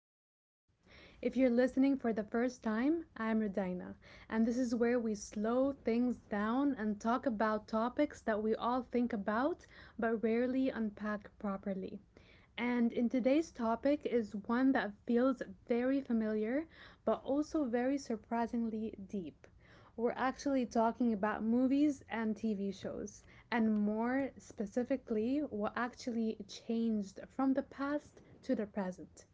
Podcast. If you're listening for the first time, I'm Rodina, and this is where we slow things down and talk about topics that we all think about but rarely unpack properly. And in today's topic is one that feels very familiar but also very surprisingly deep. We're actually talking about movies and TV shows, and more specifically, what actually changed from the past to the present.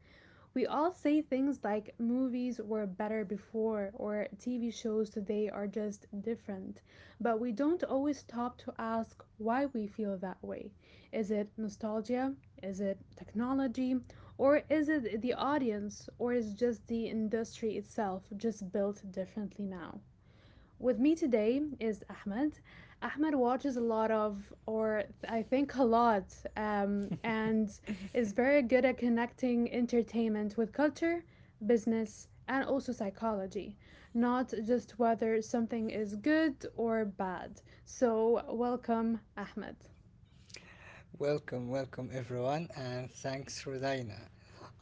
We all say things like movies were better before or TV shows today are just different, but we don't always stop to ask why we feel that way. Is it nostalgia? Is it technology? Or is it the audience? Or is just the industry itself just built differently now? With me today is Ahmed. Ahmed watches a lot of, or I think a lot, and is very good at connecting entertainment with culture, business, and also psychology, not just whether something is good or bad. So, welcome, Ahmed. Welcome, welcome everyone, and thanks, Rodina.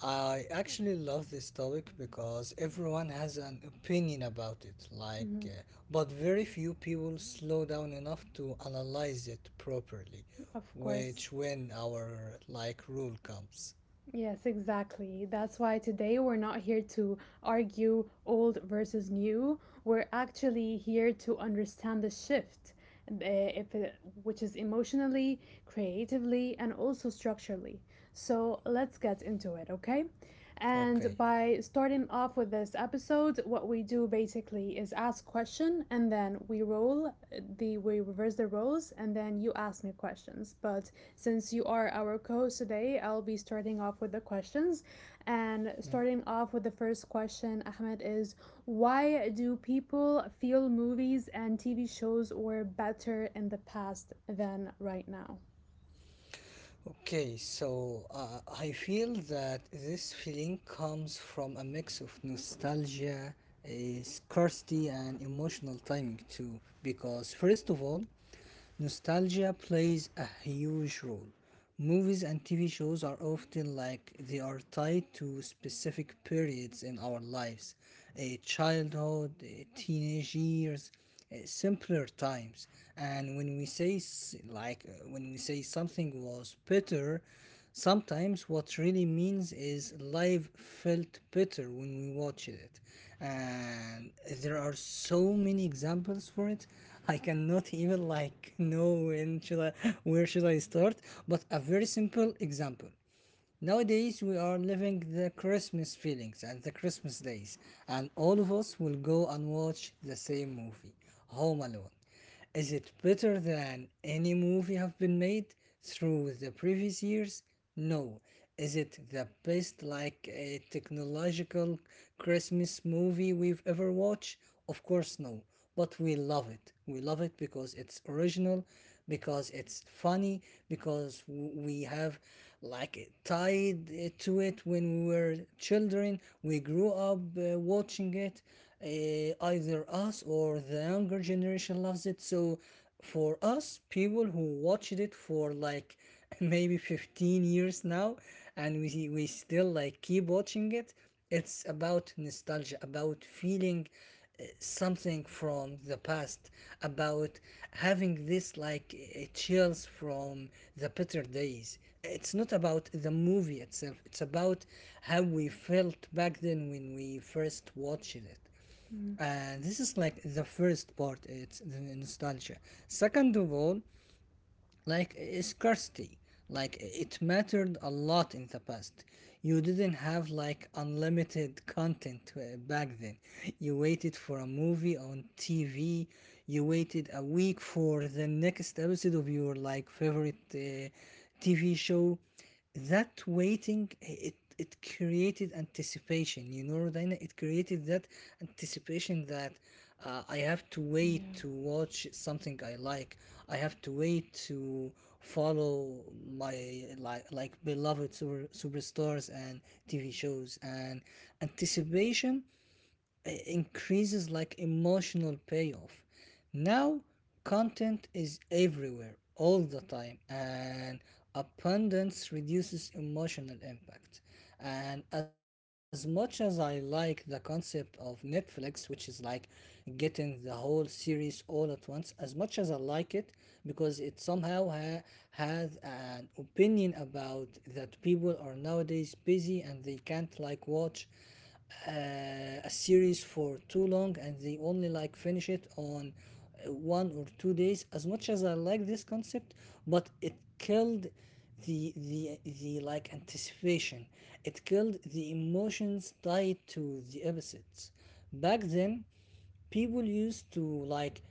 I actually love this topic because everyone has an opinion about it, Mhm, but very few people slow down enough to analyze it properly, of course. which when our like rule comes. Yes, exactly. That's why today we're not here to argue old versus new. We're actually here to understand the shift, if it, which is emotionally, creatively, and also structurally. So let's get into it, okay? And Okay. by starting off with this episode, what we do basically is ask question, and then we roll the we reverse the roles, and then you ask me questions. But since you are our co host today, I'll be starting off with the questions. And Hmm. starting off with the first question, Ahmed, is why do people feel movies and TV shows were better in the past than right now? Okay, so I feel that this feeling comes from a mix of nostalgia, scarcity, and emotional timing too. Because, first of all, nostalgia plays a huge role. Movies and TV shows are often like they are tied to specific periods in our lives, a childhood, teenage years, simpler times. And when we say something was better, sometimes what really means is life felt better when we watched it. And there are so many examples for it. I cannot even like know when should I where should I start, but a very simple example. Nowadays, we are living the Christmas feelings and the Christmas days, and all of us will go and watch the same movie, Home Alone. Is it better than any movie have been made through the previous years? No. Is it the best, like a technological Christmas movie we've ever watched? Of course, no, but we love it. We love it because it's original, because it's funny, because we have like tied to it when we were children. We grew up watching it. Either us or the younger generation loves it. So for us, people who watched it for like maybe 15 years now, and we still like keep watching it, it's about nostalgia, about feeling something from the past, about having this like chills from the better days. It's not about the movie itself, it's about how we felt back then when we first watched it. Mm, And this is like the first part, it's the nostalgia. Second of all, like scarcity, like it mattered a lot in the past. You didn't have like unlimited content back then. You waited for a movie on tv, you waited a week for the next episode of your like favorite tv show. That waiting, it created anticipation, you know, Rodina, it created that anticipation that I have to wait yeah. to watch something I like. I have to wait to follow my like beloved superstars and TV shows, and anticipation increases like emotional payoff. Now, content is everywhere all the time, and abundance reduces emotional impact. And as much as I like the concept of Netflix, which is like getting the whole series all at once, as much as I like it, because it somehow has an opinion about that people are nowadays busy and they can't like watch uh, a series for too long and they only like finish it on one or two days, as much as I like this concept, but it killed the anticipation, it killed the emotions tied to the episodes back then. People used to like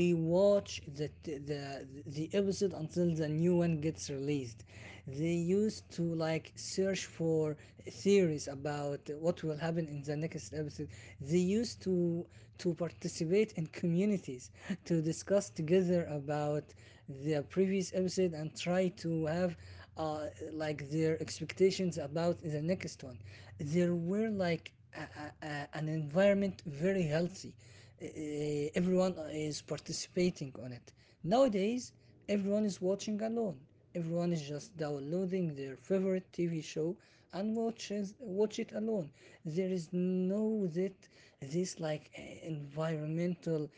rewatch the episode until the new one gets released. They used to like search for theories about what will happen in the next episode. They used to participate in communities to discuss together about the previous episode and try to have uh, like their expectations about the next one. There were like an environment very healthy. Everyone is participating on it. Nowadays, everyone is watching alone. Everyone is just downloading their favorite TV show and watch it alone. There is no that this like environmental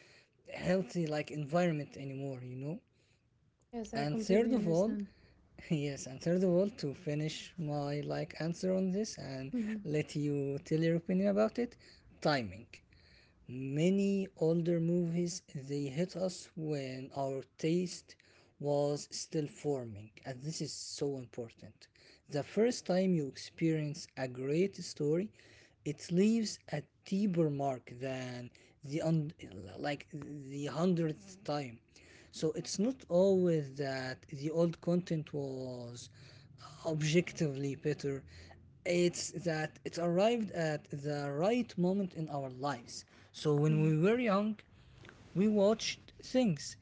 healthy like environment anymore. You know. Yes, I And third completely of all, understand. yes, and third of all, to finish my like answer on this and Mm-hmm. let you tell your opinion about it, timing. Many older movies they hit us when our taste was still forming, and this is so important. The first time you experience a great story, it leaves a deeper mark than the un- like the hundredth time. So it's not always that the old content was objectively better. It's that it arrived at the right moment in our lives. So when Mm-hmm. we Of were young, we watched things,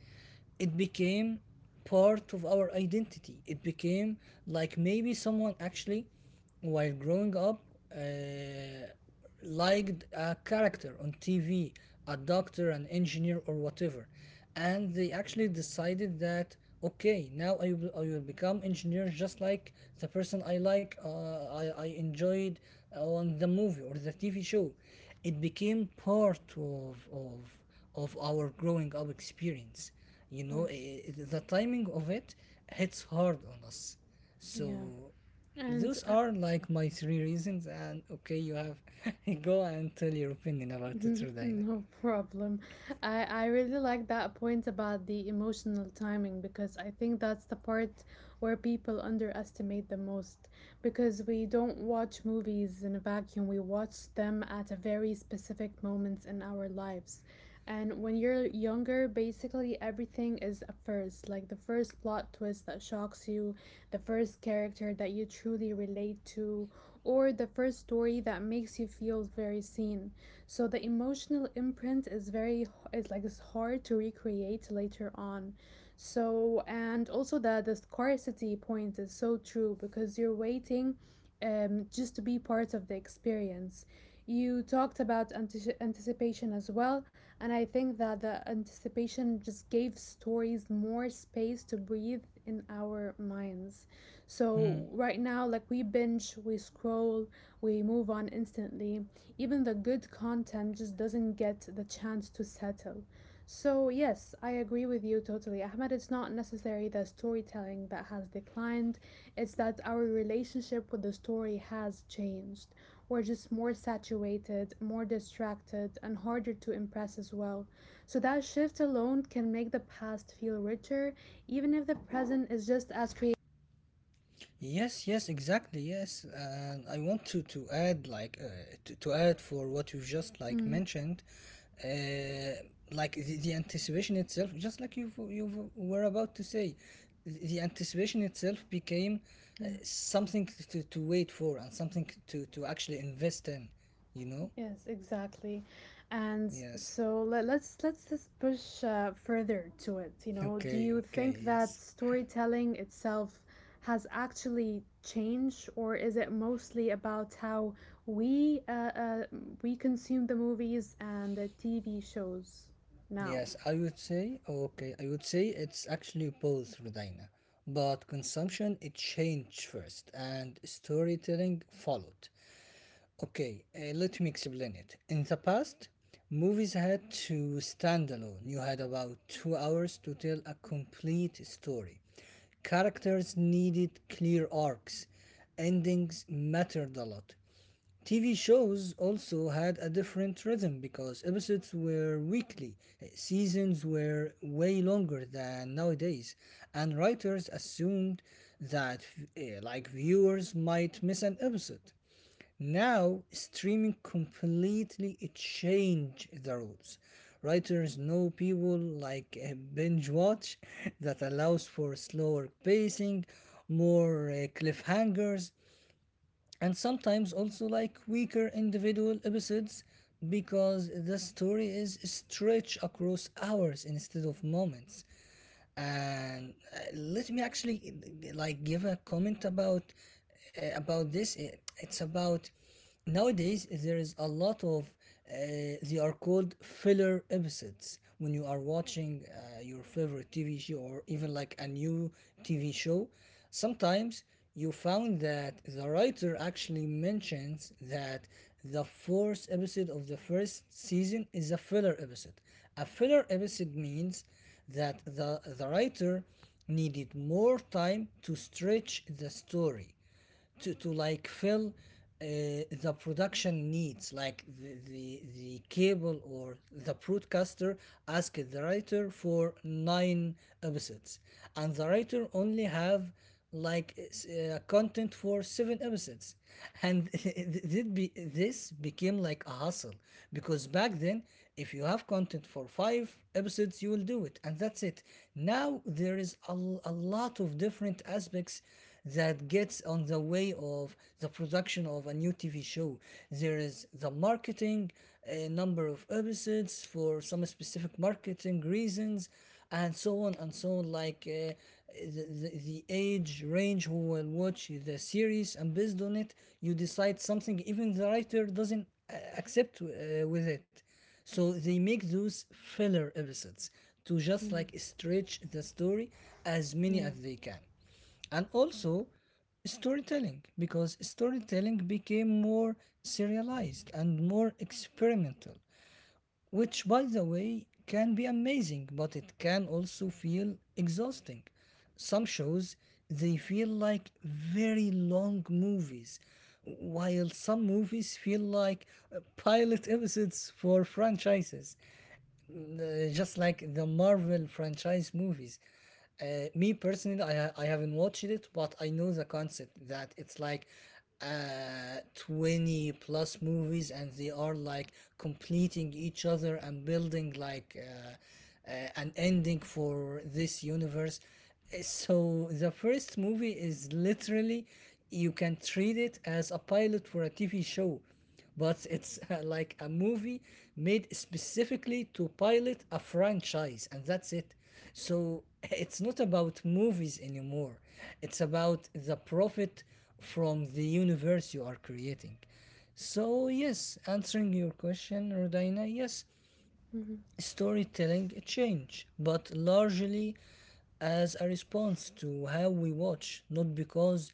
it became part of our identity. It became like maybe someone actually, while growing up, uh, liked a character on TV, a doctor, an engineer, or whatever, and they actually decided that okay, now I will become engineer just like the person I like, I enjoyed on the movie or the TV show. It became part of our growing up experience, you know. course. The timing of it hits hard on us. Yeah. So And those are like my three reasons, and okay you have, go and tell your opinion about it, Rodina. No problem. I really like that point about the emotional timing because I think that's the part where people underestimate the most. Because we don't watch movies in a vacuum, we watch them at a very specific moments in our lives. And when you're younger, basically everything is a first, like the first plot twist that shocks you, the first character that you truly relate to, or the first story that makes you feel very seen, so the emotional imprint is very, it's like it's hard to recreate later on. So, and also the scarcity point is so true because you're waiting, just to be part of the experience. You talked about anticipation as well, and I think that the anticipation just gave stories more space to breathe in our minds. So right now, like, we binge, we scroll, we move on instantly. Even the good content just doesn't get the chance to settle. So, yes, I agree with you totally, Ahmed. It's not necessarily the storytelling that has declined, it's that our relationship with the story has changed. We're just more saturated, more distracted, and harder to impress as well. So, that shift alone can make the past feel richer, even if the present is just as creative. Yes, yes, exactly. Yes, and I want to add to add for what you just like Mm, mentioned, uh, like the anticipation itself, just like you were about to say, the anticipation itself became yeah. something to wait for and something to actually invest in, you know? Yes, exactly. And Yes. so let's just push further to it. You know, do you Okay, think okay, that yes. storytelling itself has actually changed, or is it mostly about how we uh, uh, we consume the movies and the TV shows now? Yes, I would say, okay, I would say it's actually both, Rodina. But consumption, it changed first, and storytelling followed. Okay, let me explain it. In the past, movies had to stand alone. You had about 2 hours to tell a complete story. Characters needed clear arcs. Endings mattered a lot. TV shows also had a different rhythm because episodes were weekly, seasons were way longer than nowadays, and writers assumed that like viewers might miss an episode. Now, streaming completely changed the rules. Writers know people like binge watch, that allows for slower pacing, more cliffhangers, and sometimes also like weaker individual episodes because the story is stretched across hours instead of moments. And let me actually give a comment about this. It's about, nowadays there is a lot of uh, they are called filler episodes. When you are watching your favorite tv show or even like a new tv show, sometimes you found that the writer actually mentions that the fourth episode of the first season is a filler episode. A filler episode means that the writer needed more time to stretch the story, to like fill the production needs, like the cable or the broadcaster asked the writer for nine episodes, and the writer only have like content for seven episodes, and did be this became like a hustle, because back then if you have content for five episodes you will do it and that's it. Now there is a lot of different aspects that gets on the way of the production of a new TV show. There is the marketing, a number of episodes for some specific marketing reasons, and so on and so on. Like the age range who will watch the series, and based on it, you decide something. Even the writer doesn't accept with it. So they make those filler episodes to just Mm, like stretch the story as many yeah. as they can. And also storytelling, because storytelling became more serialized and more experimental, which by the way can be amazing but it can also feel exhausting. Some shows they feel like very long movies, while some movies feel like pilot episodes for franchises, just like the Marvel franchise movies. Me personally, I haven't watched it, but I know the concept that it's like 20 plus movies, and they are like completing each other and building like an ending for this universe. So the first movie is literally, you can treat it as a pilot for a tv show, but it's like a movie made specifically to pilot a franchise, and that's it. So it's not about movies anymore, it's about the profit from the universe you are creating. So yes, answering your question, Rodina, yes, storytelling change, but largely as a response to how we watch, not because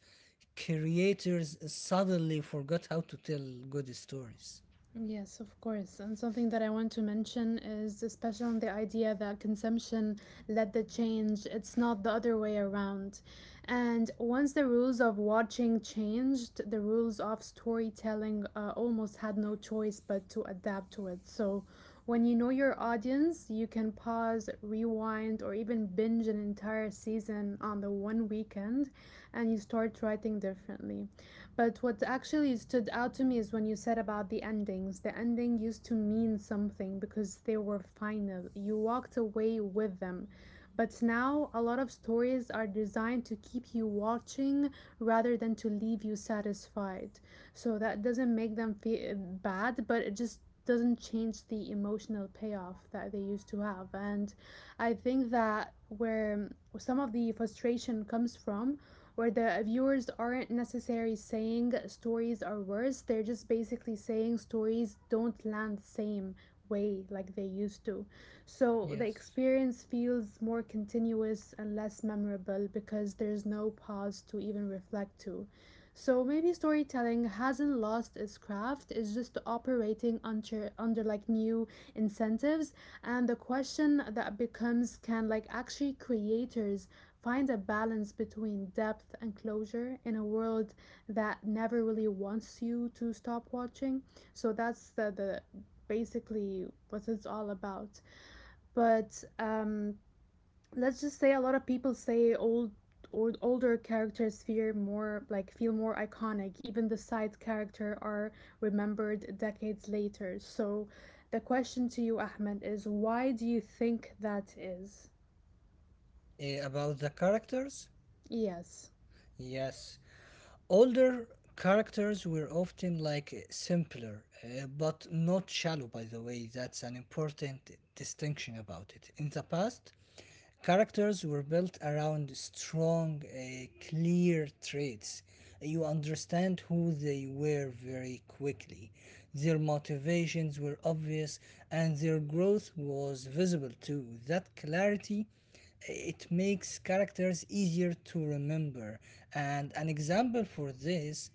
creators suddenly forgot how to tell good stories. Yes, of course. And something that I want to mention is especially on the idea that consumption led the change. It's not the other way around. And once the rules of watching changed, the rules of storytelling almost had no choice but to adapt to it. So, when you know your audience, you can pause, rewind, or even binge an entire season on the one weekend, and you start writing differently. But what actually stood out to me is when you said about the endings. The ending used to mean something because they were final. You walked away with them. But now, a lot of stories are designed to keep you watching rather than to leave you satisfied, so that doesn't make them feel bad, but it just doesn't change the emotional payoff that they used to have. And I think that where some of the frustration comes from, where the viewers aren't necessarily saying stories are worse, they're just basically saying stories don't land the same way like they used to. So the Yes. experience feels more continuous and less memorable because there's no pause to even reflect to. So maybe storytelling hasn't lost its craft, it's just operating under like new incentives. And the question that becomes, can like actually creators find a balance between depth and closure in a world that never really wants you to stop watching. So that's the basically what it's all about. But let's just say a lot of people say older characters feel more iconic, even the side character are remembered decades later. So the question to you, Ahmed, is why do you think that is? About the characters? Yes. Yes. Older characters were often like simpler, but not shallow, by the way. That's an important distinction about it. In the past, characters were built around strong, clear traits. You understand who they were very quickly. Their motivations were obvious, and their growth was visible too. That clarity, it makes characters easier to remember. And an example for this,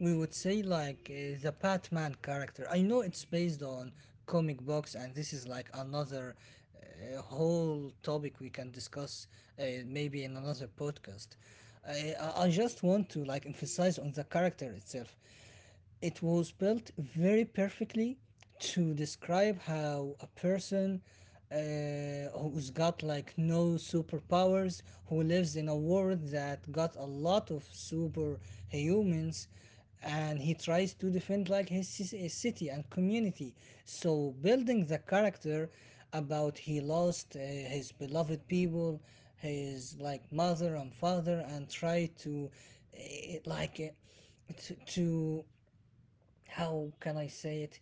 we would say like the Batman character. I know it's based on comic books, and this is like another whole topic we can discuss maybe in another podcast. I just want to like emphasize on the character itself. It was built very perfectly to describe how a person, who's got like no superpowers, who lives in a world that got a lot of superhumans, and he tries to defend like his city and community. So building the character about he lost his beloved people, his like mother and father, and try to uh, like. Uh, to, to how can I say it,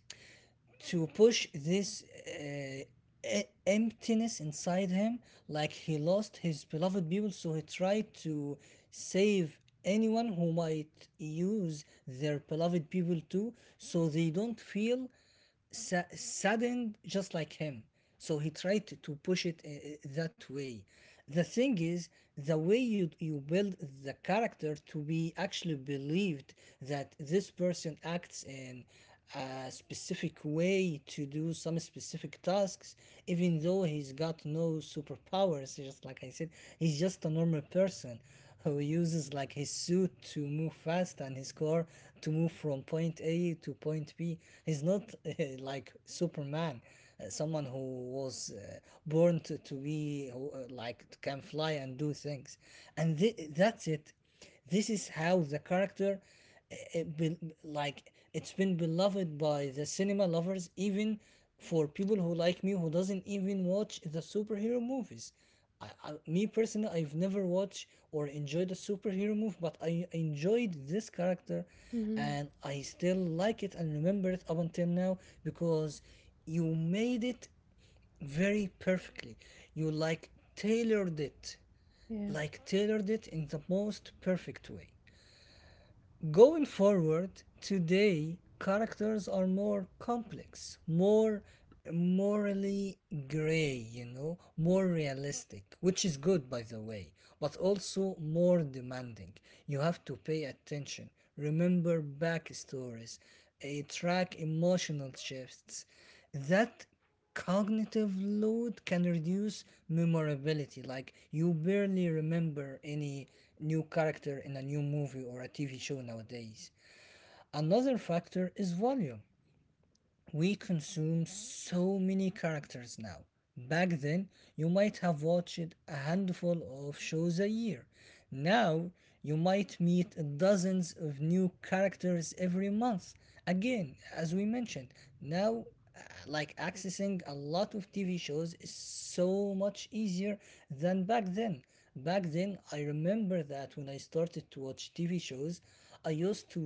to push this emptiness inside him. Like he lost his beloved people, so he tried to save anyone who might use their beloved people too, so they don't feel saddened just like him. So he tried to push it that way. The thing is, the way you build the character to be actually believed, that this person acts in a specific way to do some specific tasks, even though he's got no superpowers, just like I said, he's just a normal person who uses like his suit to move fast and his car to move from point A to point B. He's not like Superman, someone who was born to be who, like can fly and do things, and that's it. This is how the character, uh, it be, like it's been beloved by the cinema lovers, even for people who like me who doesn't even watch the superhero movies. Me personally, I've never watched or enjoyed a superhero movie, but I enjoyed this character, Mm-hmm. and I still like it and remember it up until now because you made it very perfectly. You tailored it, Yeah. like tailored it in the most perfect way. Going forward, today characters are more complex, more morally gray, you know, more realistic, which is good by the way, but also more demanding. You have to pay attention, remember backstories, track emotional shifts. That cognitive load can reduce memorability, like you barely remember any new character in a new movie or a tv show nowadays. Another factor is volume. We consume so many characters now. Back then, you might have watched a handful of shows a year. Now, you might meet dozens of new characters every month. Again, as we mentioned, now, uh, like accessing a lot of TV shows is so much easier than back then. Back then, I remember that when I started to watch TV shows, I used to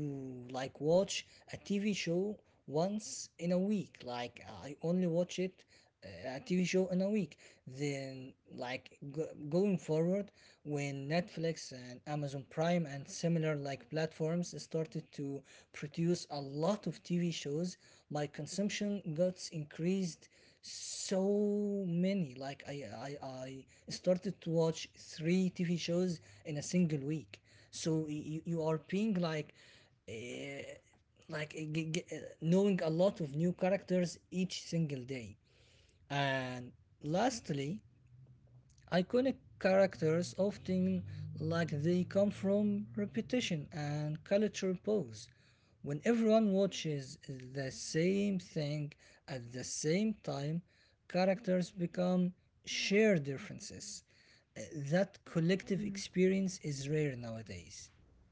like watch a TV show once in a week. Like I only watch it a TV show in a week. Then like going forward, when Netflix and Amazon Prime and similar like platforms started to produce a lot of TV shows, my consumption got increased so many, like I started to watch 3 tv shows in a single week. So you are being like uh, knowing a lot of new characters each single day. And lastly, iconic characters often, like they come from repetition and culture pose. When everyone watches the same thing at the same time, characters become shared differences. Uh, that collective Mm. experience is rare nowadays.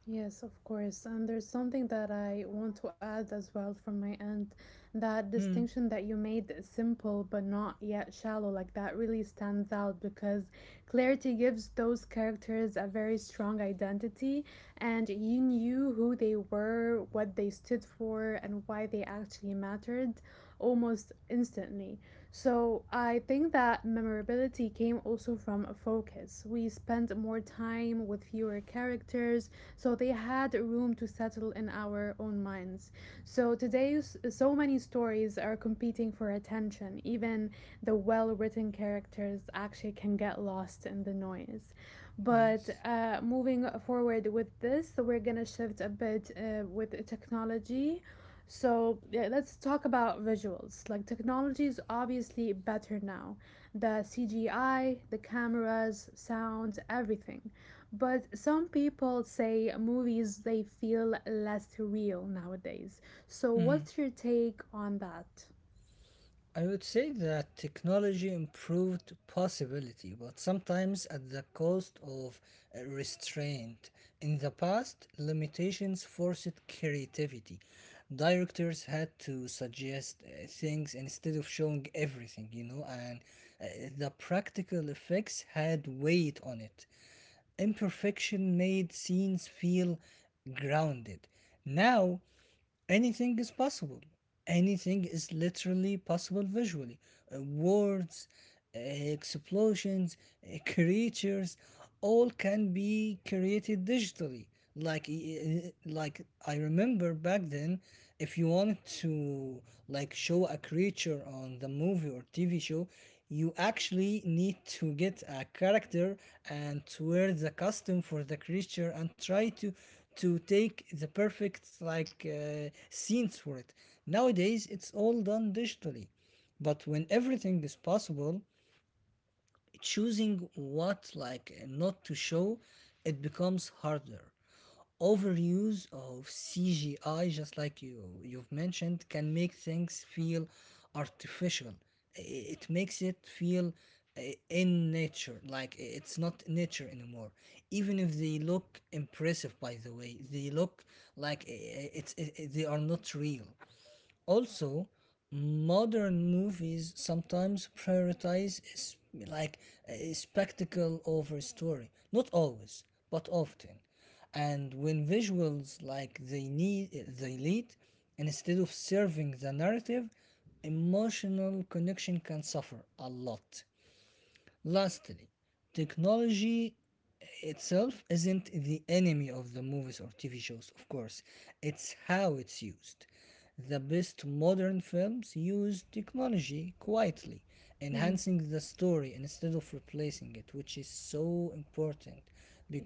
Yes, of course. And there's something that I want to add as well from my end. That Hmm. distinction that you made is simple but not yet shallow, like that really stands out because clarity gives those characters a very strong identity, and you knew who they were, what they stood for, and why they actually mattered almost instantly. So I think that memorability came also from a focus. We spent more time with fewer characters, so they had room to settle in our own minds. So today, so many stories are competing for attention. Even the well written characters actually can get lost in the noise. But yes. Moving forward with this, so we're gonna shift a bit with technology. So yeah, let's talk about visuals. Like, technology is obviously better now. The CGI, the cameras, sounds, everything. But some people say movies they feel less real nowadays. So what's your take on that? I would say that technology improved possibility, but sometimes at the cost of restraint. In the past, limitations forced creativity. Directors had to suggest things instead of showing everything, you know, and uh, the practical effects had weight on it. Imperfection made scenes feel grounded. Now, anything is possible, anything is literally possible visually. Words, uh, explosions, creatures, all can be created digitally. Like like I remember back then, if you wanted to like show a creature on the movie or tv show, you actually need to get a character and wear the costume for the creature and try to take the perfect like scenes for it. Nowadays, it's all done digitally, but when everything is possible, choosing what like not to show, it becomes harder. Overuse of cgi, just like you've mentioned, can make things feel artificial. I- it makes it feel uh, in nature, like it's not nature anymore, even if they look impressive by the way they look. Like it's it, they are not real. Also, modern movies sometimes prioritize like a spectacle over story. Not always, but often. And when visuals like they lead, instead of serving the narrative, emotional connection can suffer a lot. Lastly, technology itself isn't the enemy of the movies or TV shows, of course. It's how it's used. The best modern films use technology quietly, Mhm. enhancing the story instead of replacing it, which is so important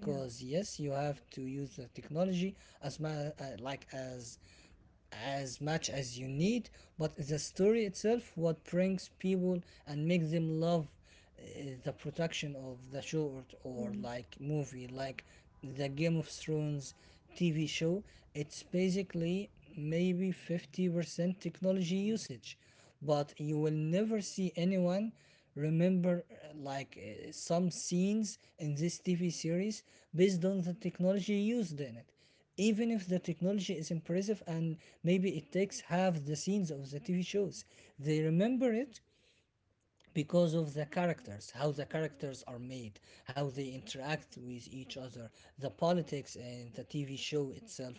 Yeah. yes, you have to use the technology as like as much as you need, but the story itself what brings people and makes them love uh, the production of the short or Mhm. like movie. Like the game of thrones tv show, it's basically maybe 50% technology usage, but you will never see anyone remember some scenes in this tv series based on the technology used in it, even if the technology is impressive and maybe it takes half the scenes of the TV shows, they remember it because of the characters, how the characters are made, how they interact with each other, the politics and the TV show itself,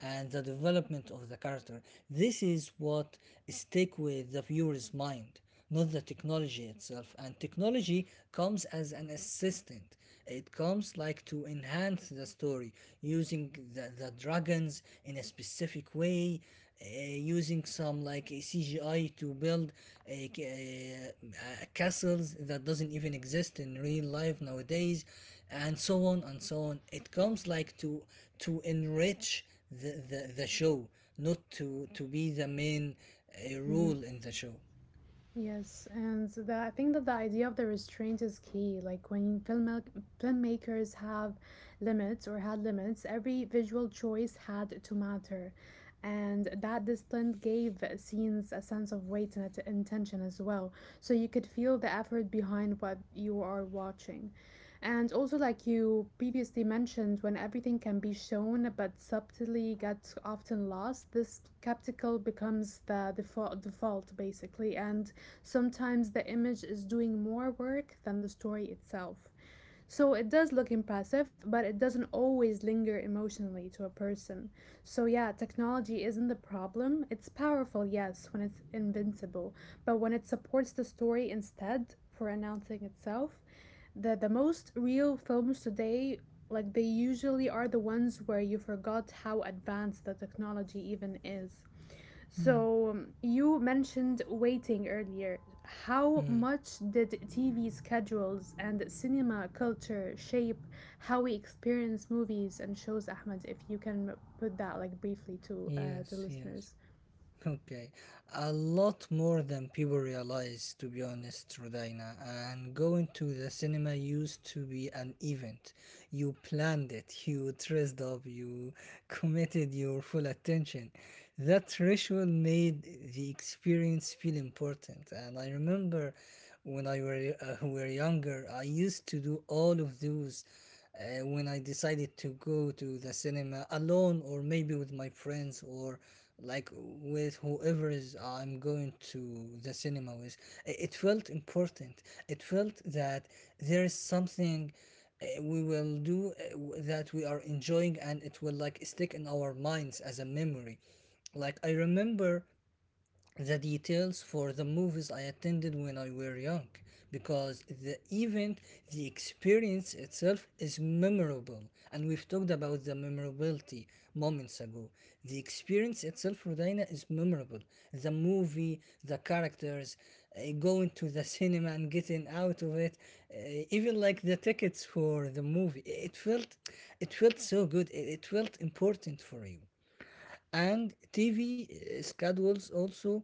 and the development of the character. This is what stick with the viewer's mind, not the technology itself. And technology comes as an assistant. It comes like to enhance the story, using the dragons in a specific way, using some like CGI to build a castles that doesn't even exist in real life nowadays, and so on and so on. It comes like to enrich the show, not to be the main Mhm. rule in the show. Yes, and the, I think that the idea of the restraint is key. Like, when film filmmakers have limits or had limits, every visual choice had to matter. And that discipline gave scenes a sense of weight and intention as well. So you could feel the effort behind what you are watching. And also, like you previously mentioned, when everything can be shown but subtly gets often lost, this skeptical becomes the default basically. And sometimes the image is doing more work than the story itself. So it does look impressive, but it doesn't always linger emotionally to a person. So, yeah, technology isn't the problem. It's powerful, yes, when it's invincible, but when it supports the story instead for announcing itself, the most real films today, like, they usually are the ones where you forgot how advanced the technology even is. Hmm. So you mentioned waiting earlier. How Mm, much did TV schedules and cinema culture shape how we experience movies and shows, Ahmed? If you can put that like briefly to the yes, yes. listeners. Okay, a lot more than people realize, to be honest, Rodina. And going to the cinema used to be an event. You planned it, you dressed up, you committed your full attention. That ritual made the experience feel important. And I remember when I were younger, I used to do all of those when I decided to go to the cinema alone or maybe with my friends or like with whoever is I'm going to the cinema with. I- it felt important. It felt that there is something we will do that we are enjoying and it will like stick in our minds as a memory. Like I remember the details for the movies I attended when I were young, because the event, the experience itself is memorable. And we've talked about the memorability moments ago. The experience itself, Rodina, is memorable. The movie, the characters, going to the cinema and getting out of it, uh, even like the tickets for the movie, it felt so good. It felt important for you. And TV schedules also,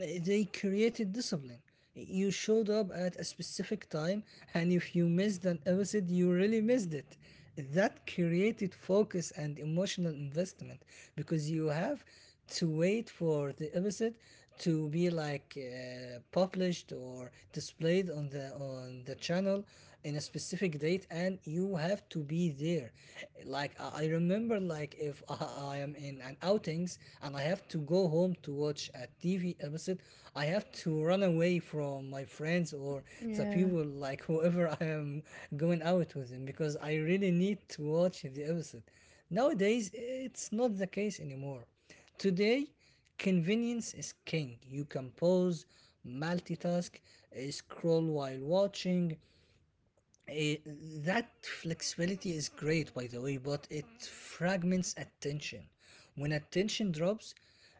they created discipline. You showed up at a specific time, and if you missed an episode, you really missed it. That created focus and emotional investment because you have to wait for the episode to be like published or displayed on the channel in a specific date, and you have to be there. Like I remember like if I am in an outings and I have to go home to watch a tv episode, I have to run away from my friends or the Yeah. people, like whoever I am going out with them, because I really need to watch the episode. Nowadays, it's not the case anymore. Today convenience is king. You can pause, multitask, scroll while watching. Eh, that flexibility is great, by the way, but it fragments attention. When attention drops,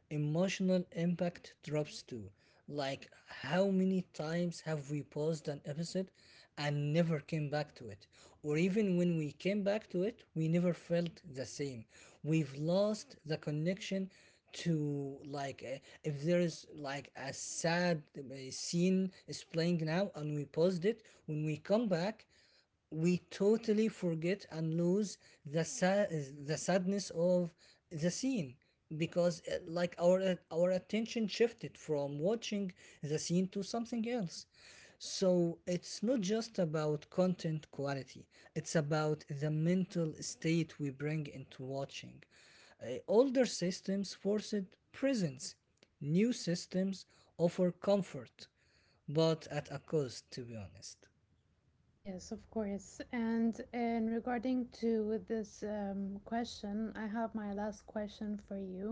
emotional impact drops too. Like, how many times have we paused an episode and never came back to it? Or even when we came back to it, we never felt the same. We've lost the connection to like if there is like a sad scene is playing now and we paused it, when we come back we totally forget and lose the sadness of the scene, because like our our attention shifted from watching the scene to something else. So it's not just about content quality, it's about the mental state we bring into watching. Older systems forced presence. New systems offer comfort, but at a cost, to be honest. Yes, of course. And in regarding to this question, I have my last question for you,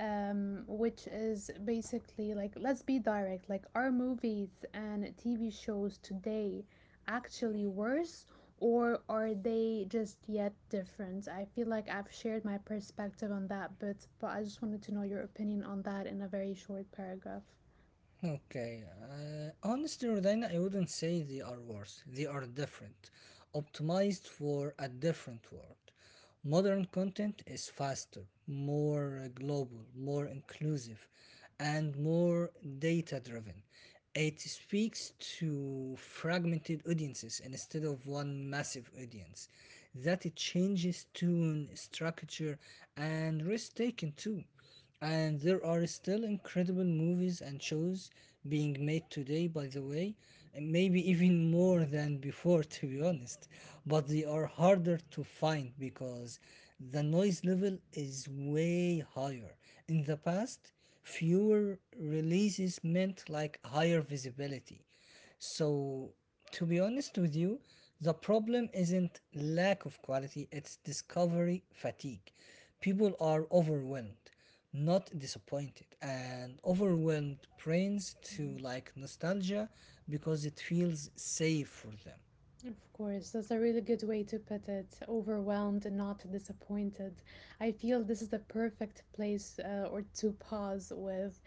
which is basically like, let's be direct, like, are movies and TV shows today actually worse, or are they just yet different? I feel like I've shared my perspective on that, but I just wanted to know your opinion on that in a very short paragraph. Okay. Honestly, Rodina, I wouldn't say they are worse. They are different, optimized for a different world. Modern content is faster, more global, more inclusive, and more data driven. It speaks to fragmented audiences instead of one massive audience. That it changes tune, structure, and risk taking too. And there are still incredible movies and shows being made today, by the way, and maybe even more than before, to be honest. But they are harder to find because the noise level is way higher. In the past, fewer releases meant like higher visibility. So, to be honest with you, the problem isn't lack of quality, it's discovery fatigue. People are overwhelmed not disappointed and overwhelmed brains Mhm. to like nostalgia because it feels safe for them. Of course, that's a really good way to put it. Overwhelmed and not disappointed. I feel this is the perfect place or to pause with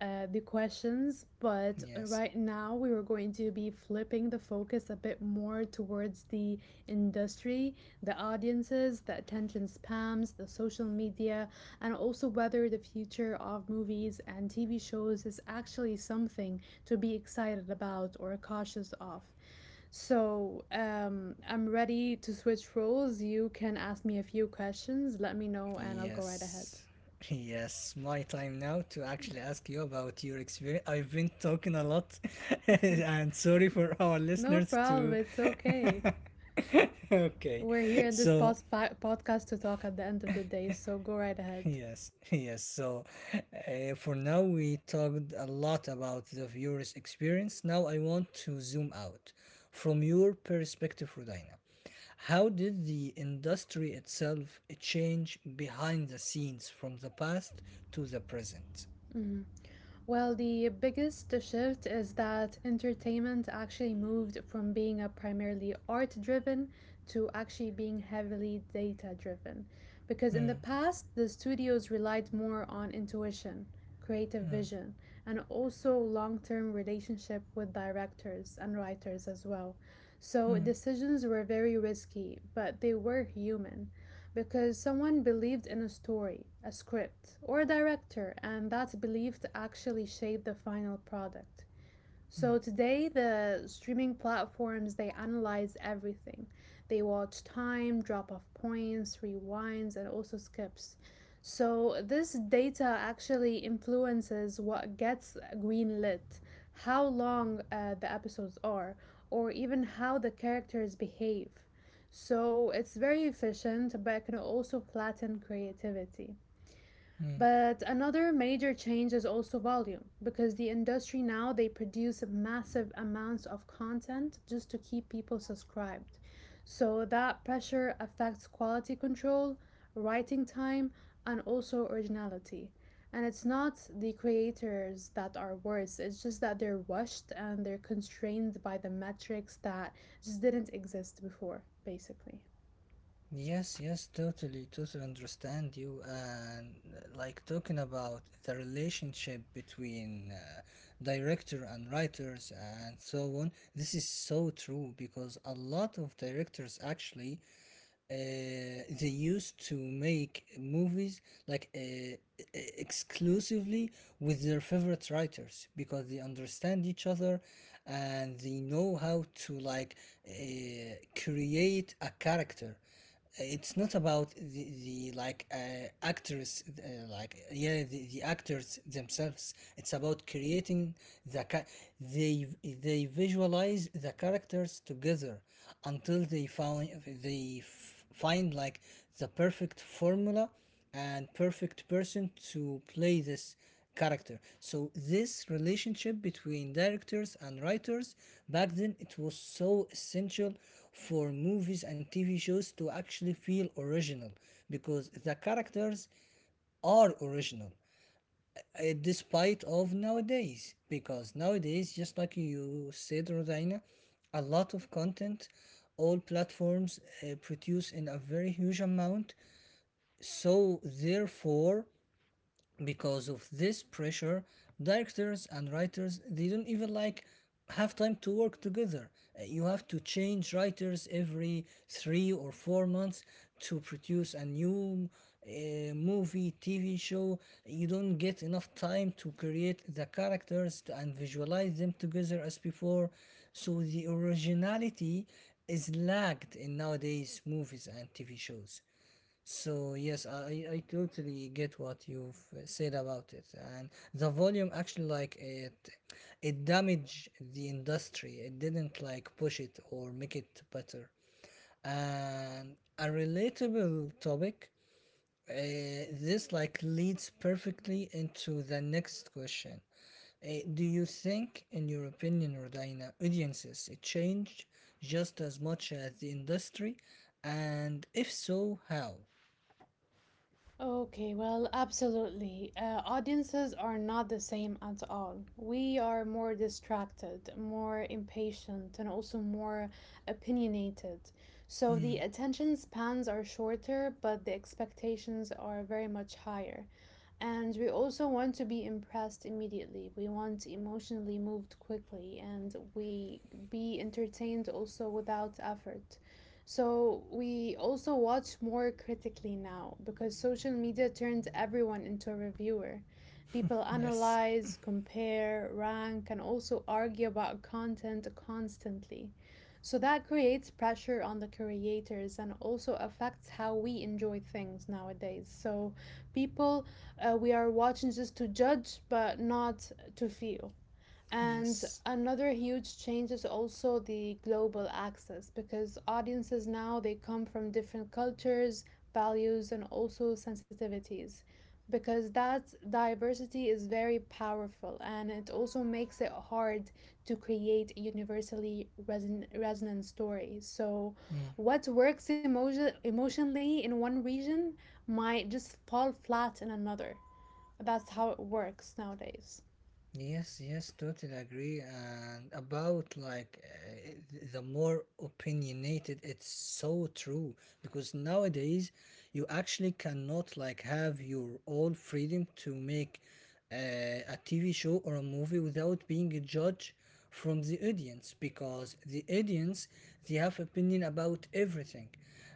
the questions, but Yes, right now we are going to be flipping the focus a bit more towards the industry, the audiences, the attention spams, the social media, and also whether the future of movies and TV shows is actually something to be excited about or cautious of. So, I'm ready to switch roles. You can ask me a few questions, let me know, and I'll go right ahead. yes, yes My time now to actually ask you about your experience. I've been talking a lot, and sorry for our No listeners problem, to. it's okay. Okay, We're here in this so podcast to talk at the end of the day, so go right ahead. Yes, yes. So, for now, we talked a lot about the viewer's experience. Now, I want to zoom out. From your perspective, Rodina, how did the industry itself change behind the scenes from the past to the present? Mhm. Well, the biggest shift is that entertainment actually moved from being a primarily art driven to actually being heavily data driven. Because in the Hmm, past, the studios relied more on intuition, creative hmm, vision, and also long term relationship with directors and writers as well. So hmm, decisions were very risky, but they were human because someone believed in a story, a script, or a director, and that belief actually shaped the final product. hmm, So today, the streaming platforms they analyze everything. They watch time, drop off points, rewinds, and also skips. So this data actually influences what gets greenlit, how long the episodes are, or even how the characters behave. So it's very efficient, but it can also flatten creativity. hmm. But another major change is also volume, because the industry now they produce massive amounts of content just to keep people subscribed. So that pressure affects quality control, writing time, and also originality. And it's not the creators that are worse, it's just that they're rushed and they're constrained by the metrics that just didn't exist before, basically. Yes, yes, totally understand you. And like talking about the relationship between director and writers and so on, this is so true because a lot of directors actually they used to make movies like exclusively with their favorite writers because they understand each other and they know how to uh, create a character. It's not about the actors like yeah the actors themselves. It's about creating the ca- they they visualize the characters together until they find like the perfect formula and perfect person to play this character. So this relationship between directors and writers back then it was so essential for movies and TV shows to actually feel original because the characters are original despite of nowadays, because nowadays just like you said Rodaina, a lot of content all platforms produce in a very huge amount, so therefore because of this pressure directors and writers they don't even like have time to work together. You have to change writers every 3 or 4 months to produce a new movie tv show. You don't get enough time to create the characters and visualize them together as before, so the originality is lagged in nowadays movies and tv shows. So yes, I totally get what you've said about it, and the volume actually like it damaged the industry. It didn't like push it or make it better. And a relatable topic. This like leads perfectly into the next question. Uh, do you think, in your opinion, Rodina, audiences it changed just as much as the industry? And if so, how? Okay, well, absolutely. Audiences are not the same at all. We are more distracted, more impatient, and also more opinionated. So the Hmm. attention spans are shorter, but the expectations are very much higher. And we also want to be impressed immediately. We want emotionally moved quickly and we be entertained also without effort. So we also watch more critically now because social media turned everyone into a reviewer. People Yes, analyze, compare, rank, and also argue about content constantly. So that creates pressure on the creators and also affects how we enjoy things nowadays. So people we are watching just to judge, but not to feel. And yes, another huge change is also the global access because audiences now they come from different cultures, values, and also sensitivities. Because that diversity is very powerful and it also makes it hard to create universally resonant stories. So, mm. what works emotionally in one region might just fall flat in another. That's how it works nowadays. Yes, yes, totally agree. And about like the more opinionated, it's so true because nowadays you actually cannot like have your own freedom to make uh, a TV show or a movie without being a judge from the audience, because the audience they have opinion about everything,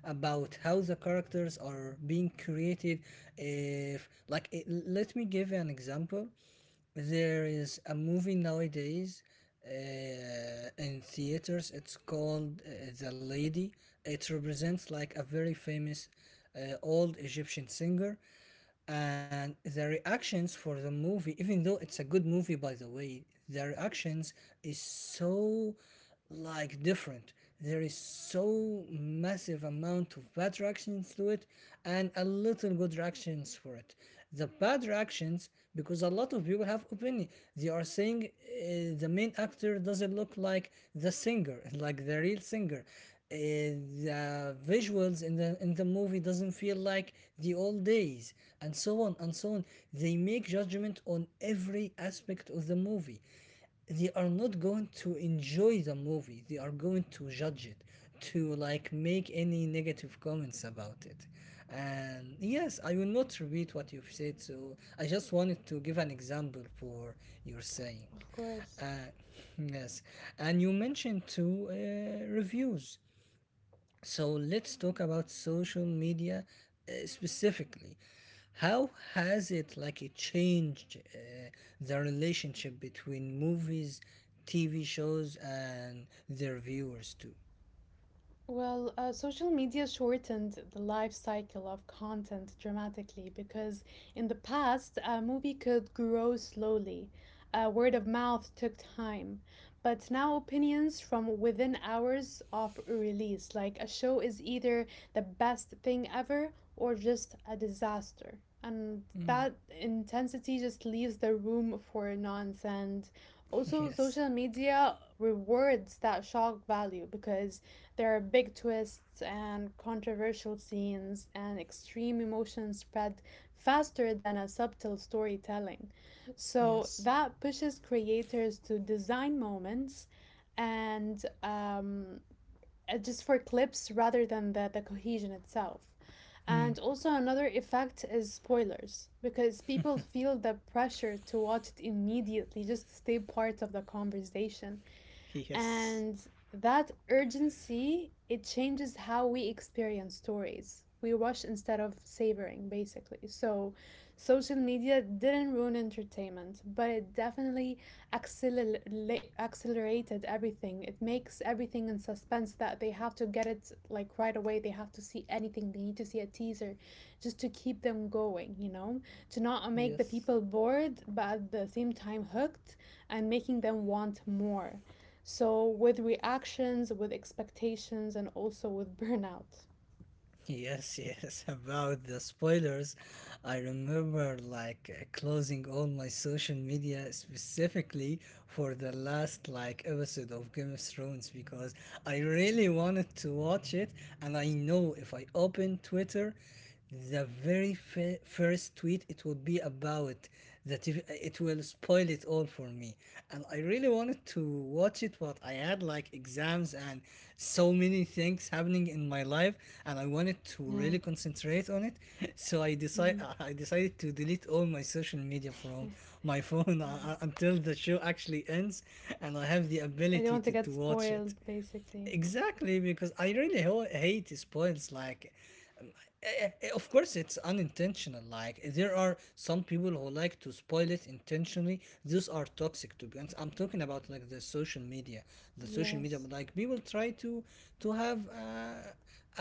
about how the characters are being created. If like it, let me give you an example. There is a movie nowadays in theaters, it's called the lady. It represents like a very famous old egyptian singer, and the reactions for the movie, even though it's a good movie by the way, the reactions is so like different. There is so massive amount of bad reactions to it and a little good reactions for it. The bad reactions, because a lot of people have opinion, they are saying the main actor doesn't look like the singer, like the real singer. The visuals in the movie doesn't feel like the old days, and so on and so on. They make judgment on every aspect of the movie, they are not going to enjoy the movie, they are going to judge it to like make any negative comments about it. And yes, I will not repeat what you've said, so I just wanted to give an example for your saying. Of course. uh, yes, and you mentioned two reviews. So let's talk about social media specifically. How has it like it changed the relationship between movies, TV shows, and their viewers too? Well, social media shortened the life cycle of content dramatically because in the past, a movie could grow slowly. Word of mouth took time. But now, opinions from within hours of release, like a show is either the best thing ever or just a disaster. And Mm, that intensity just leaves the room for nonsense. Also, Yes. social media rewards that shock value because there are big twists and controversial scenes, and extreme emotions spread faster than a subtle storytelling. So yes. that pushes creators to design moments and just for clips rather than the cohesion itself. Mm. And also, another effect is spoilers because people feel the pressure to watch it immediately just to stay part of the conversation Yes. and that urgency it changes how we experience stories. We rush instead of savoring, basically. So social media didn't ruin entertainment, but it definitely accelerated everything. It makes everything in suspense that they have to get it like right away. They have to see anything, they need to see a teaser just to keep them going. To not make the Yes. people bored, but at the same time hooked, and making them want more. So with reactions, with expectations, and also with burnout. Yes, yes, about the spoilers. I remember like closing all my social media specifically for the last like episode of Game of Thrones because I really wanted to watch it, and I know if I open Twitter the very first tweet it would be about that, if it will spoil it all for me. And I really wanted to watch it, but I had like exams and so many things happening in my life, and I wanted to Yeah. really concentrate on it. So i decide Mhm. i decided to delete all my social media Yeah. from my phone until the show actually ends and I have the I don't ability want to get to watch it. spoiled, basically. Exactly, because I really hate spoils. Like, uh, of course it's unintentional, like there are some people who like to spoil it intentionally, those are toxic to be honest. I'm talking about like the social media, Yes. like people try to have uh,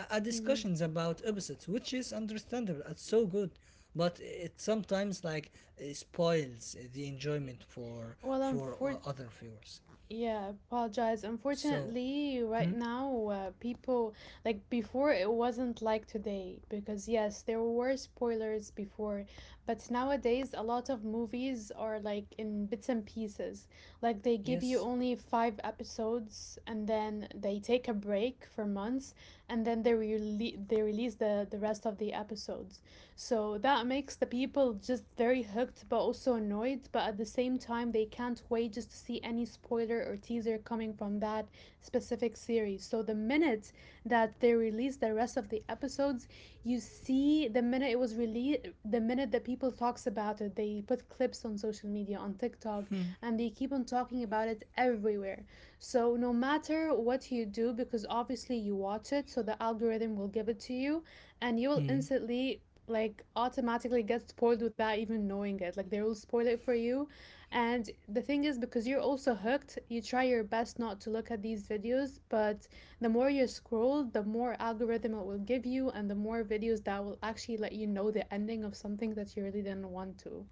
a, a Hmm. discussions about opposites, which is understandable, it's so good. But it sometimes like spoils the enjoyment for Well, unfor- other viewers. Yeah, apologize. So Unfortunately, right now, people like before it wasn't like today because yes, there were spoilers before, but nowadays a lot of movies are like in bits and pieces. Like they give you yes. only five episodes and then they take a break for months and then they they release the rest of the episodes. So that makes the people just very hooked but also annoyed, but at the same time, they can't wait just to see any spoiler or teaser coming from that specific series. So the minute that they release the rest of the episodes, you see the minute it was released, the minute that people talks about it, they put clips on social media, on TikTok, Hmm. and they keep on talking about it everywhere. So no matter what you do, because obviously you watch it, so the algorithm will give it to you, and you will Hmm. instantly like automatically gets spoiled without even knowing it. Like they will spoil it for you. And the thing is, because you're also hooked, you try your best not to look at these videos, but the more you scroll, the more algorithm it will give you, and the more videos that will actually let you know the ending of something that you really didn't want to.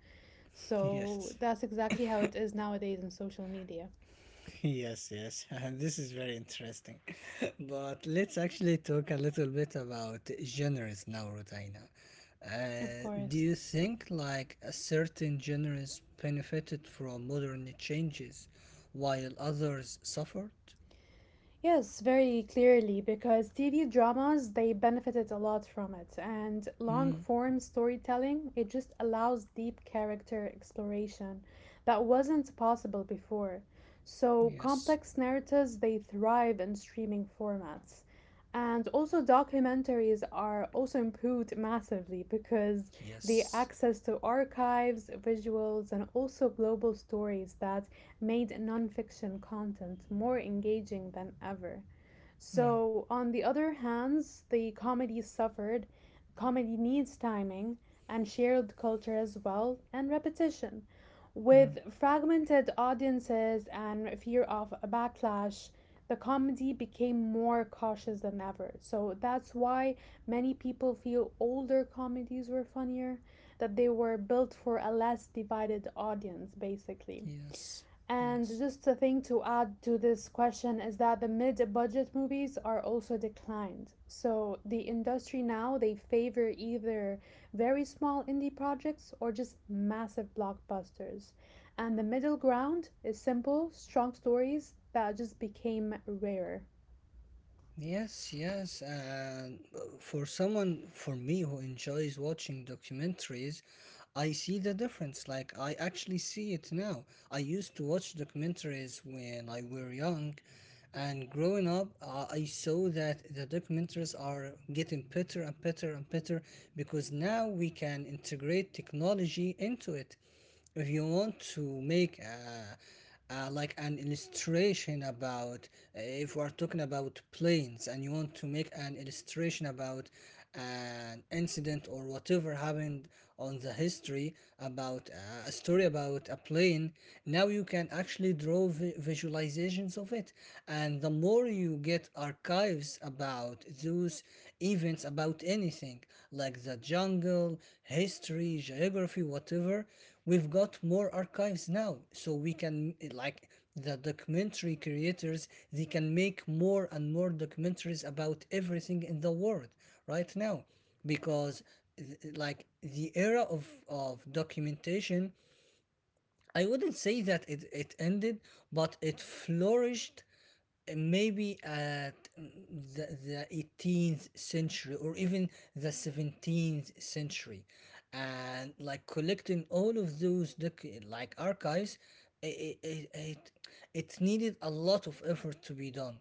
So yes that's exactly how it is nowadays in social media, Yes, yes, and this is very interesting. But let's actually talk a little bit about genres now, Rotaina. of Do course. you think like a certain genres benefited from modern changes while others suffered? Yes, very clearly, because TV dramas, they benefited a lot from it. And long Mm, form storytelling, it just allows deep character exploration that wasn't possible before. So yes, complex narratives, they thrive in streaming formats. And also, documentaries are also improved massively because the yes, access to archives, visuals, and also global stories that made nonfiction content more engaging than ever. mm, So, on the other hand, the comedy suffered. Comedy needs timing and shared culture as well, and repetition. mm, With fragmented audiences and fear of a backlash, the comedy became more cautious than ever. So that's why many people feel older comedies were funnier, that they were built for a less divided audience, basically. yes, And yes. just a thing to add to this question is that the mid-budget movies are also declined. So the industry now they favor either very small indie projects or just massive blockbusters. And the middle ground is simple, strong stories that just became rare. Yes, yes. And for someone, for me who enjoys watching documentaries, I see the difference. Like, I actually see it now. I used to watch documentaries when I were young, and growing up, I saw that the documentaries are getting better and better and better, because now we can integrate technology into it. If you want to make like an illustration about if we are talking about planes and you want to make an illustration about an incident or whatever happened on the history about a story about a plane, now you can actually draw visualizations of it. And the more you get archives about those events, about anything like the jungle, history, geography, whatever, we've got more archives now, so we can like the documentary creators they can make more and more documentaries about everything in the world right now, because like the era of documentation, I wouldn't say that it ended, but it flourished maybe at the 18th century, or even the 17th century. And like collecting all of those like archives, it, it, it, it needed a lot of effort to be done.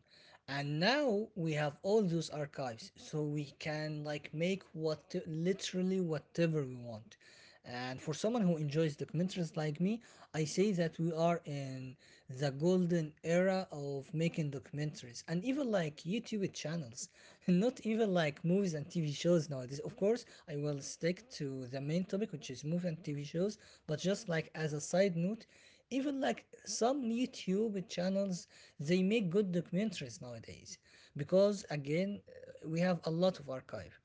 And now we have all those archives, so we can like make what literally whatever we want. And for someone who enjoys documentaries like me, I say that we are in the golden era of making documentaries, and even like youtube channels, not even like movies and tv shows nowadays. Of course I will stick to the main topic, which is movies and tv shows, but just like as a side note, even like some YouTube channels, they make good documentaries nowadays because again, we have a lot of archive.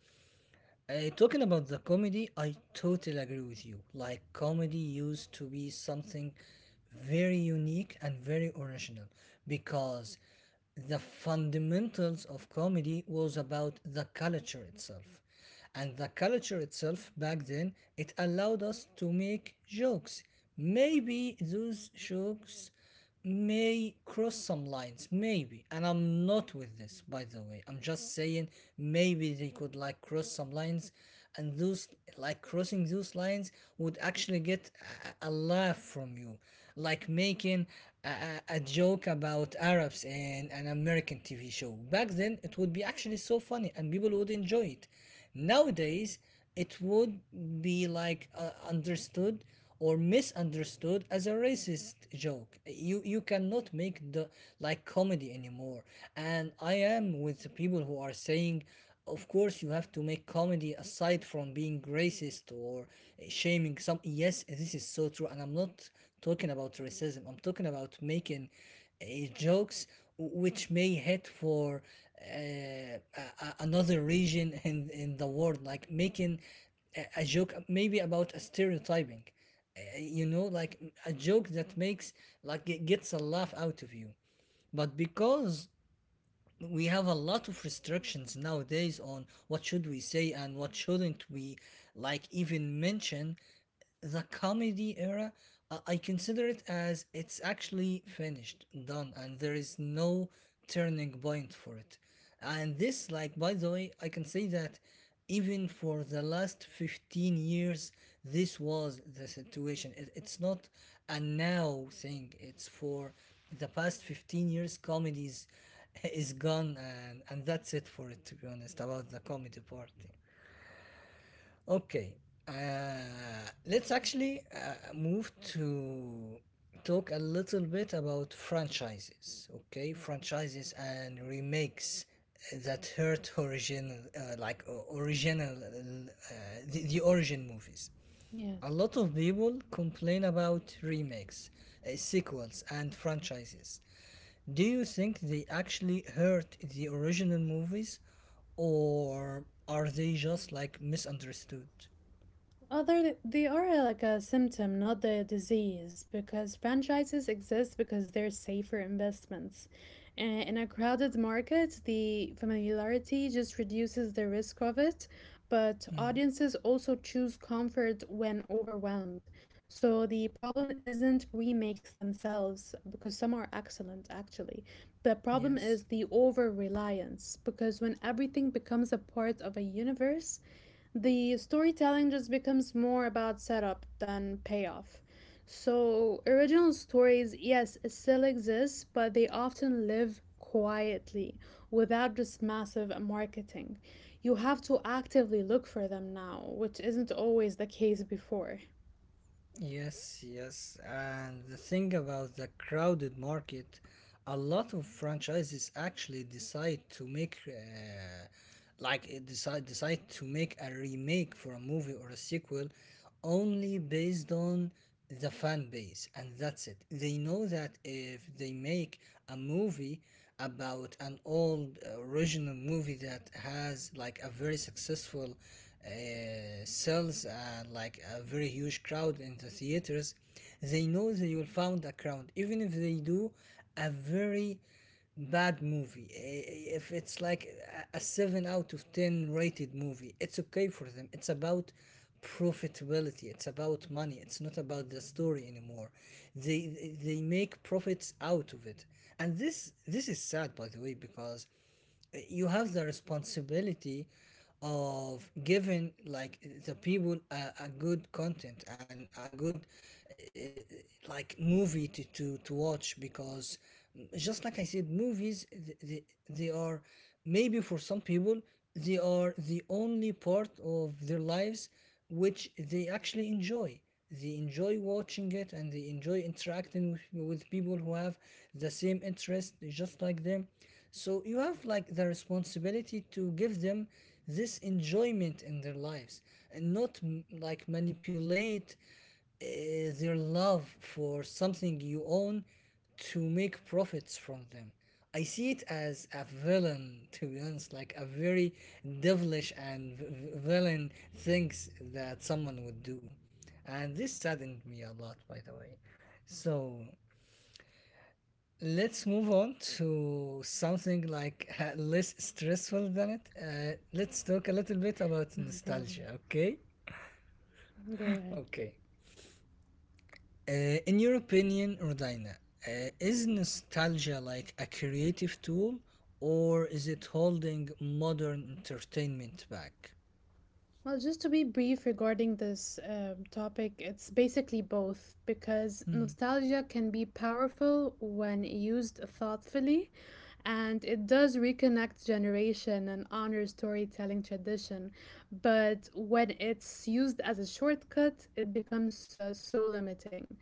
Talking about the comedy, I totally agree with you. Like, comedy used to be something very unique and very original because the fundamentals of comedy was about the culture itself. And the culture itself back then, it allowed us to make jokes. Maybe those jokes may cross some lines maybe, and I'm not with this by the way, I'm just saying maybe they could like cross some lines. And those like crossing those lines would actually get a laugh from you. Like making a joke about arabs in an american tv show back then, it would be actually so funny and people would enjoy it. Nowadays it would be like understood or misunderstood as a racist joke. You cannot make the like comedy anymore. And I am with the people who are saying of course you have to make comedy aside from being racist or shaming some. Yes, this is so true, and I'm not talking about racism, I'm talking about making uh, jokes which may hit for another region in the world. Like making a joke maybe about a stereotyping. You know, like a joke that makes, like, it gets a laugh out of you. But because we have a lot of restrictions nowadays on what should we say and what shouldn't we like even mention, the comedy era I consider it as it's actually finished done, and there is no turning point for it. And this like by the way I can say that even for the last 15 years this was the situation. It's not a now thing, it's for the past 15 years comedies is gone, and that's it for it to be honest about the comedy part. Okay, uh, let's actually move to talk a little bit about franchises. Okay, franchises and remakes that hurt original, original, the origin movies. A Yes. lot of people complain about remakes, sequels, and franchises. Do you think they actually hurt the original movies, or are they just like misunderstood? Oh, they are like a symptom, not the disease, because franchises exist because they're safer investments. And in a crowded market, the familiarity just reduces the risk of it, but Mm, audiences also choose comfort when overwhelmed. So the problem isn't remakes themselves, because some are excellent actually. The problem yes. is the over reliance, because when everything becomes a part of a universe, the storytelling just becomes more about setup than payoff. So, original stories, yes, still exist, but they often live quietly without this massive marketing. You have to actively look for them now, which isn't always the case before. Yes, yes. And the thing about the crowded market, a lot of franchises actually decide to make, like, decide to make a remake for a movie or a sequel, only based on the fan base, and that's it. They know that if they make a movie about an old original movie that has like a very successful sells like a very huge crowd in the theaters, they know they will find a crowd, even if they do a very bad movie. If it's like a 7 out of 10 rated movie, it's okay for them. It's about profitability, it's about money, it's not about the story anymore. They make profits out of it, and this is sad, by the way, because you have the responsibility of giving like the people a good content and a good uh, like movie to, to watch. Because just like I said, movies they are maybe for some people, they are the only part of their lives which they actually enjoy. They enjoy watching it, and they enjoy interacting with people who have the same interest just like them. So you have like the responsibility to give them this enjoyment in their lives, and not manipulate uh, their love for something you own to make profits from them. I see it as a villain, to be honest, like a very devilish and villain things that someone would do. And this saddened me a lot, by the way. So, let's move on to something like less stressful than it. Let's talk a little bit about No problem. nostalgia, okay? Go ahead. Okay. Uh, in your opinion, Rodina, is nostalgia like a creative tool, or is it holding modern entertainment back? Well, just to be brief regarding this topic, it's basically both because nostalgia can be powerful when used thoughtfully, and it does reconnect generation and honor storytelling tradition. But when it's used as a shortcut, it becomes so limiting.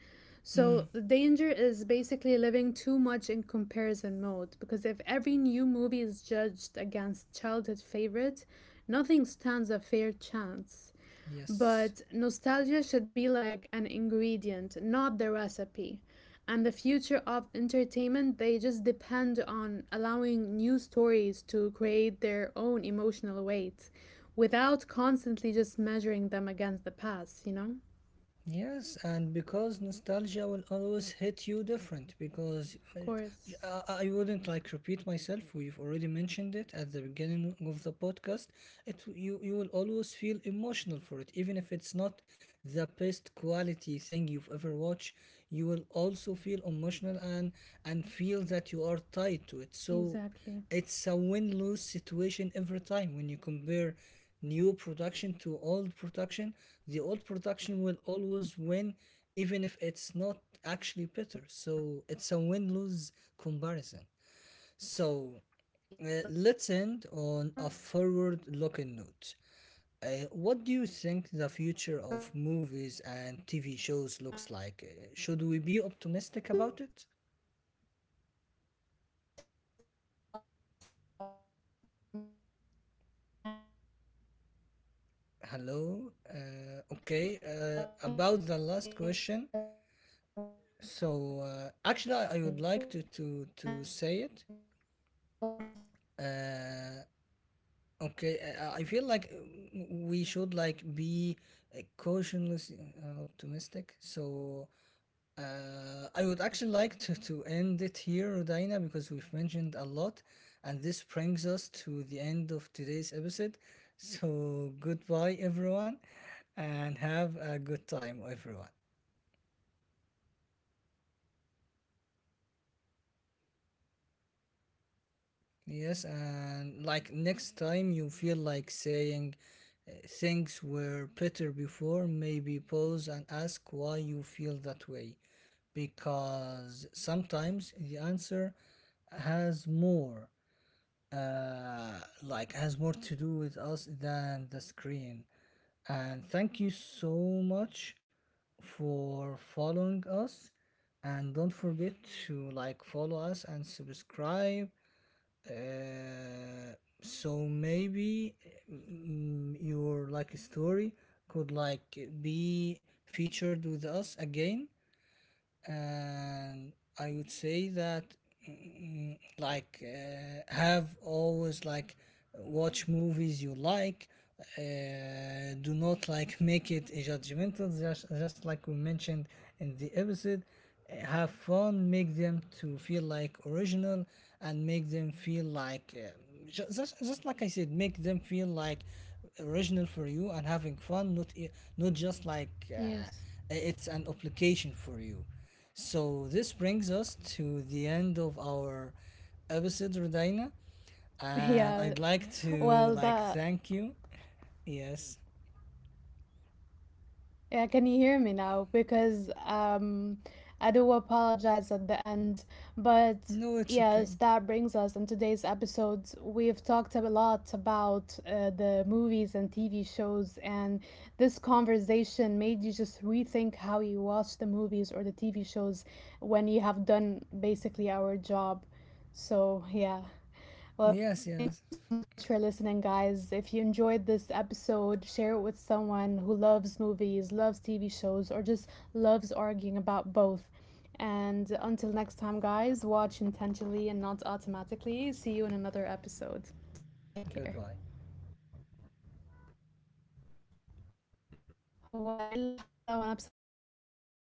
Hmm, So the danger is basically living too much in comparison mode because if every new movie is judged against childhood favorite, nothing stands a fair chance. yes. But nostalgia should be like an ingredient, not the recipe. And the future of entertainment, they just depend on allowing new stories to create their own emotional weight without constantly just measuring them against the past, you know? Yes, and because nostalgia will always hit you different, because Of course. I wouldn't like repeat myself. We've already mentioned it at the beginning of the podcast. It, you will always feel emotional for it, even if it's not the best quality thing you've ever watched. You will also feel emotional, and feel that you are tied to it. So, Exactly. it's a win lose situation every time when you compare new production to old Compare production. between the The both of old them. Production will always I win, completely get where even you're if coming it's from, not Ahmed, on actually this one. better. So But it's a in win regarding to lose this episode, comparison. is there any last So questions you have for me? let's end on a forward looking note. Okay, What do you so think in the regarding to future this of bit, movies and going TV on shows looks like? with the Should we last be thing optimistic about is it? that we should be optimistic about stuff from my end. And I feel like we us talking about social media Hello. and other things Okay. like that, they About the help last us in question, such a way that none of us so actually actually, know. I would like to And to I to say know it. A lot of us are going through Uh, changes in life and social okay, I media. Feel like So I feel we like it's should just like a be fundamental cautiously thing to. optimistic. So I would actually like to end it here, Dina, because we've mentioned a lot, and this brings us to the end of today's episode. So goodbye, everyone, and have a good time, everyone. Yes, and like next time you feel like saying things were better before, maybe pause and ask why you feel that way. Because sometimes the answer has more, has more to do with us than the screen. And thank you so much for following us. And don't forget to like, follow us, and subscribe uh, so maybe your like story could like be featured with us again. And I would say that have always like watch movies you like. Uh, do not like make it a judgmental, just like we mentioned in the episode. Have fun, make them to feel like original, and make them feel like um, Hmm. ju- just, just like I said, make them feel like original for you and having fun, not just like Yes. It's an obligation for you. So this brings us to the end of our episode, Rodina, and Yeah. I'd like to Well, like that thank you. Yes. Yeah, can you hear me now? Because I do apologize at the end, but No, it's yes, okay. that brings us in today's episode. We've talked a lot about the movies and TV shows, and this conversation made you just rethink how you watch the movies or the shows when you have done basically our job. So yeah. Well, thank you Yes, so yes. much for listening, guys. If you enjoyed this episode, share it with someone who loves movies, loves TV shows, or just loves arguing about both. And until next time, guys, watch intentionally and not automatically. See you in another episode. Take care. Goodbye. هو ايه اللي حصل وانا بصراحة النت Uh, خلص.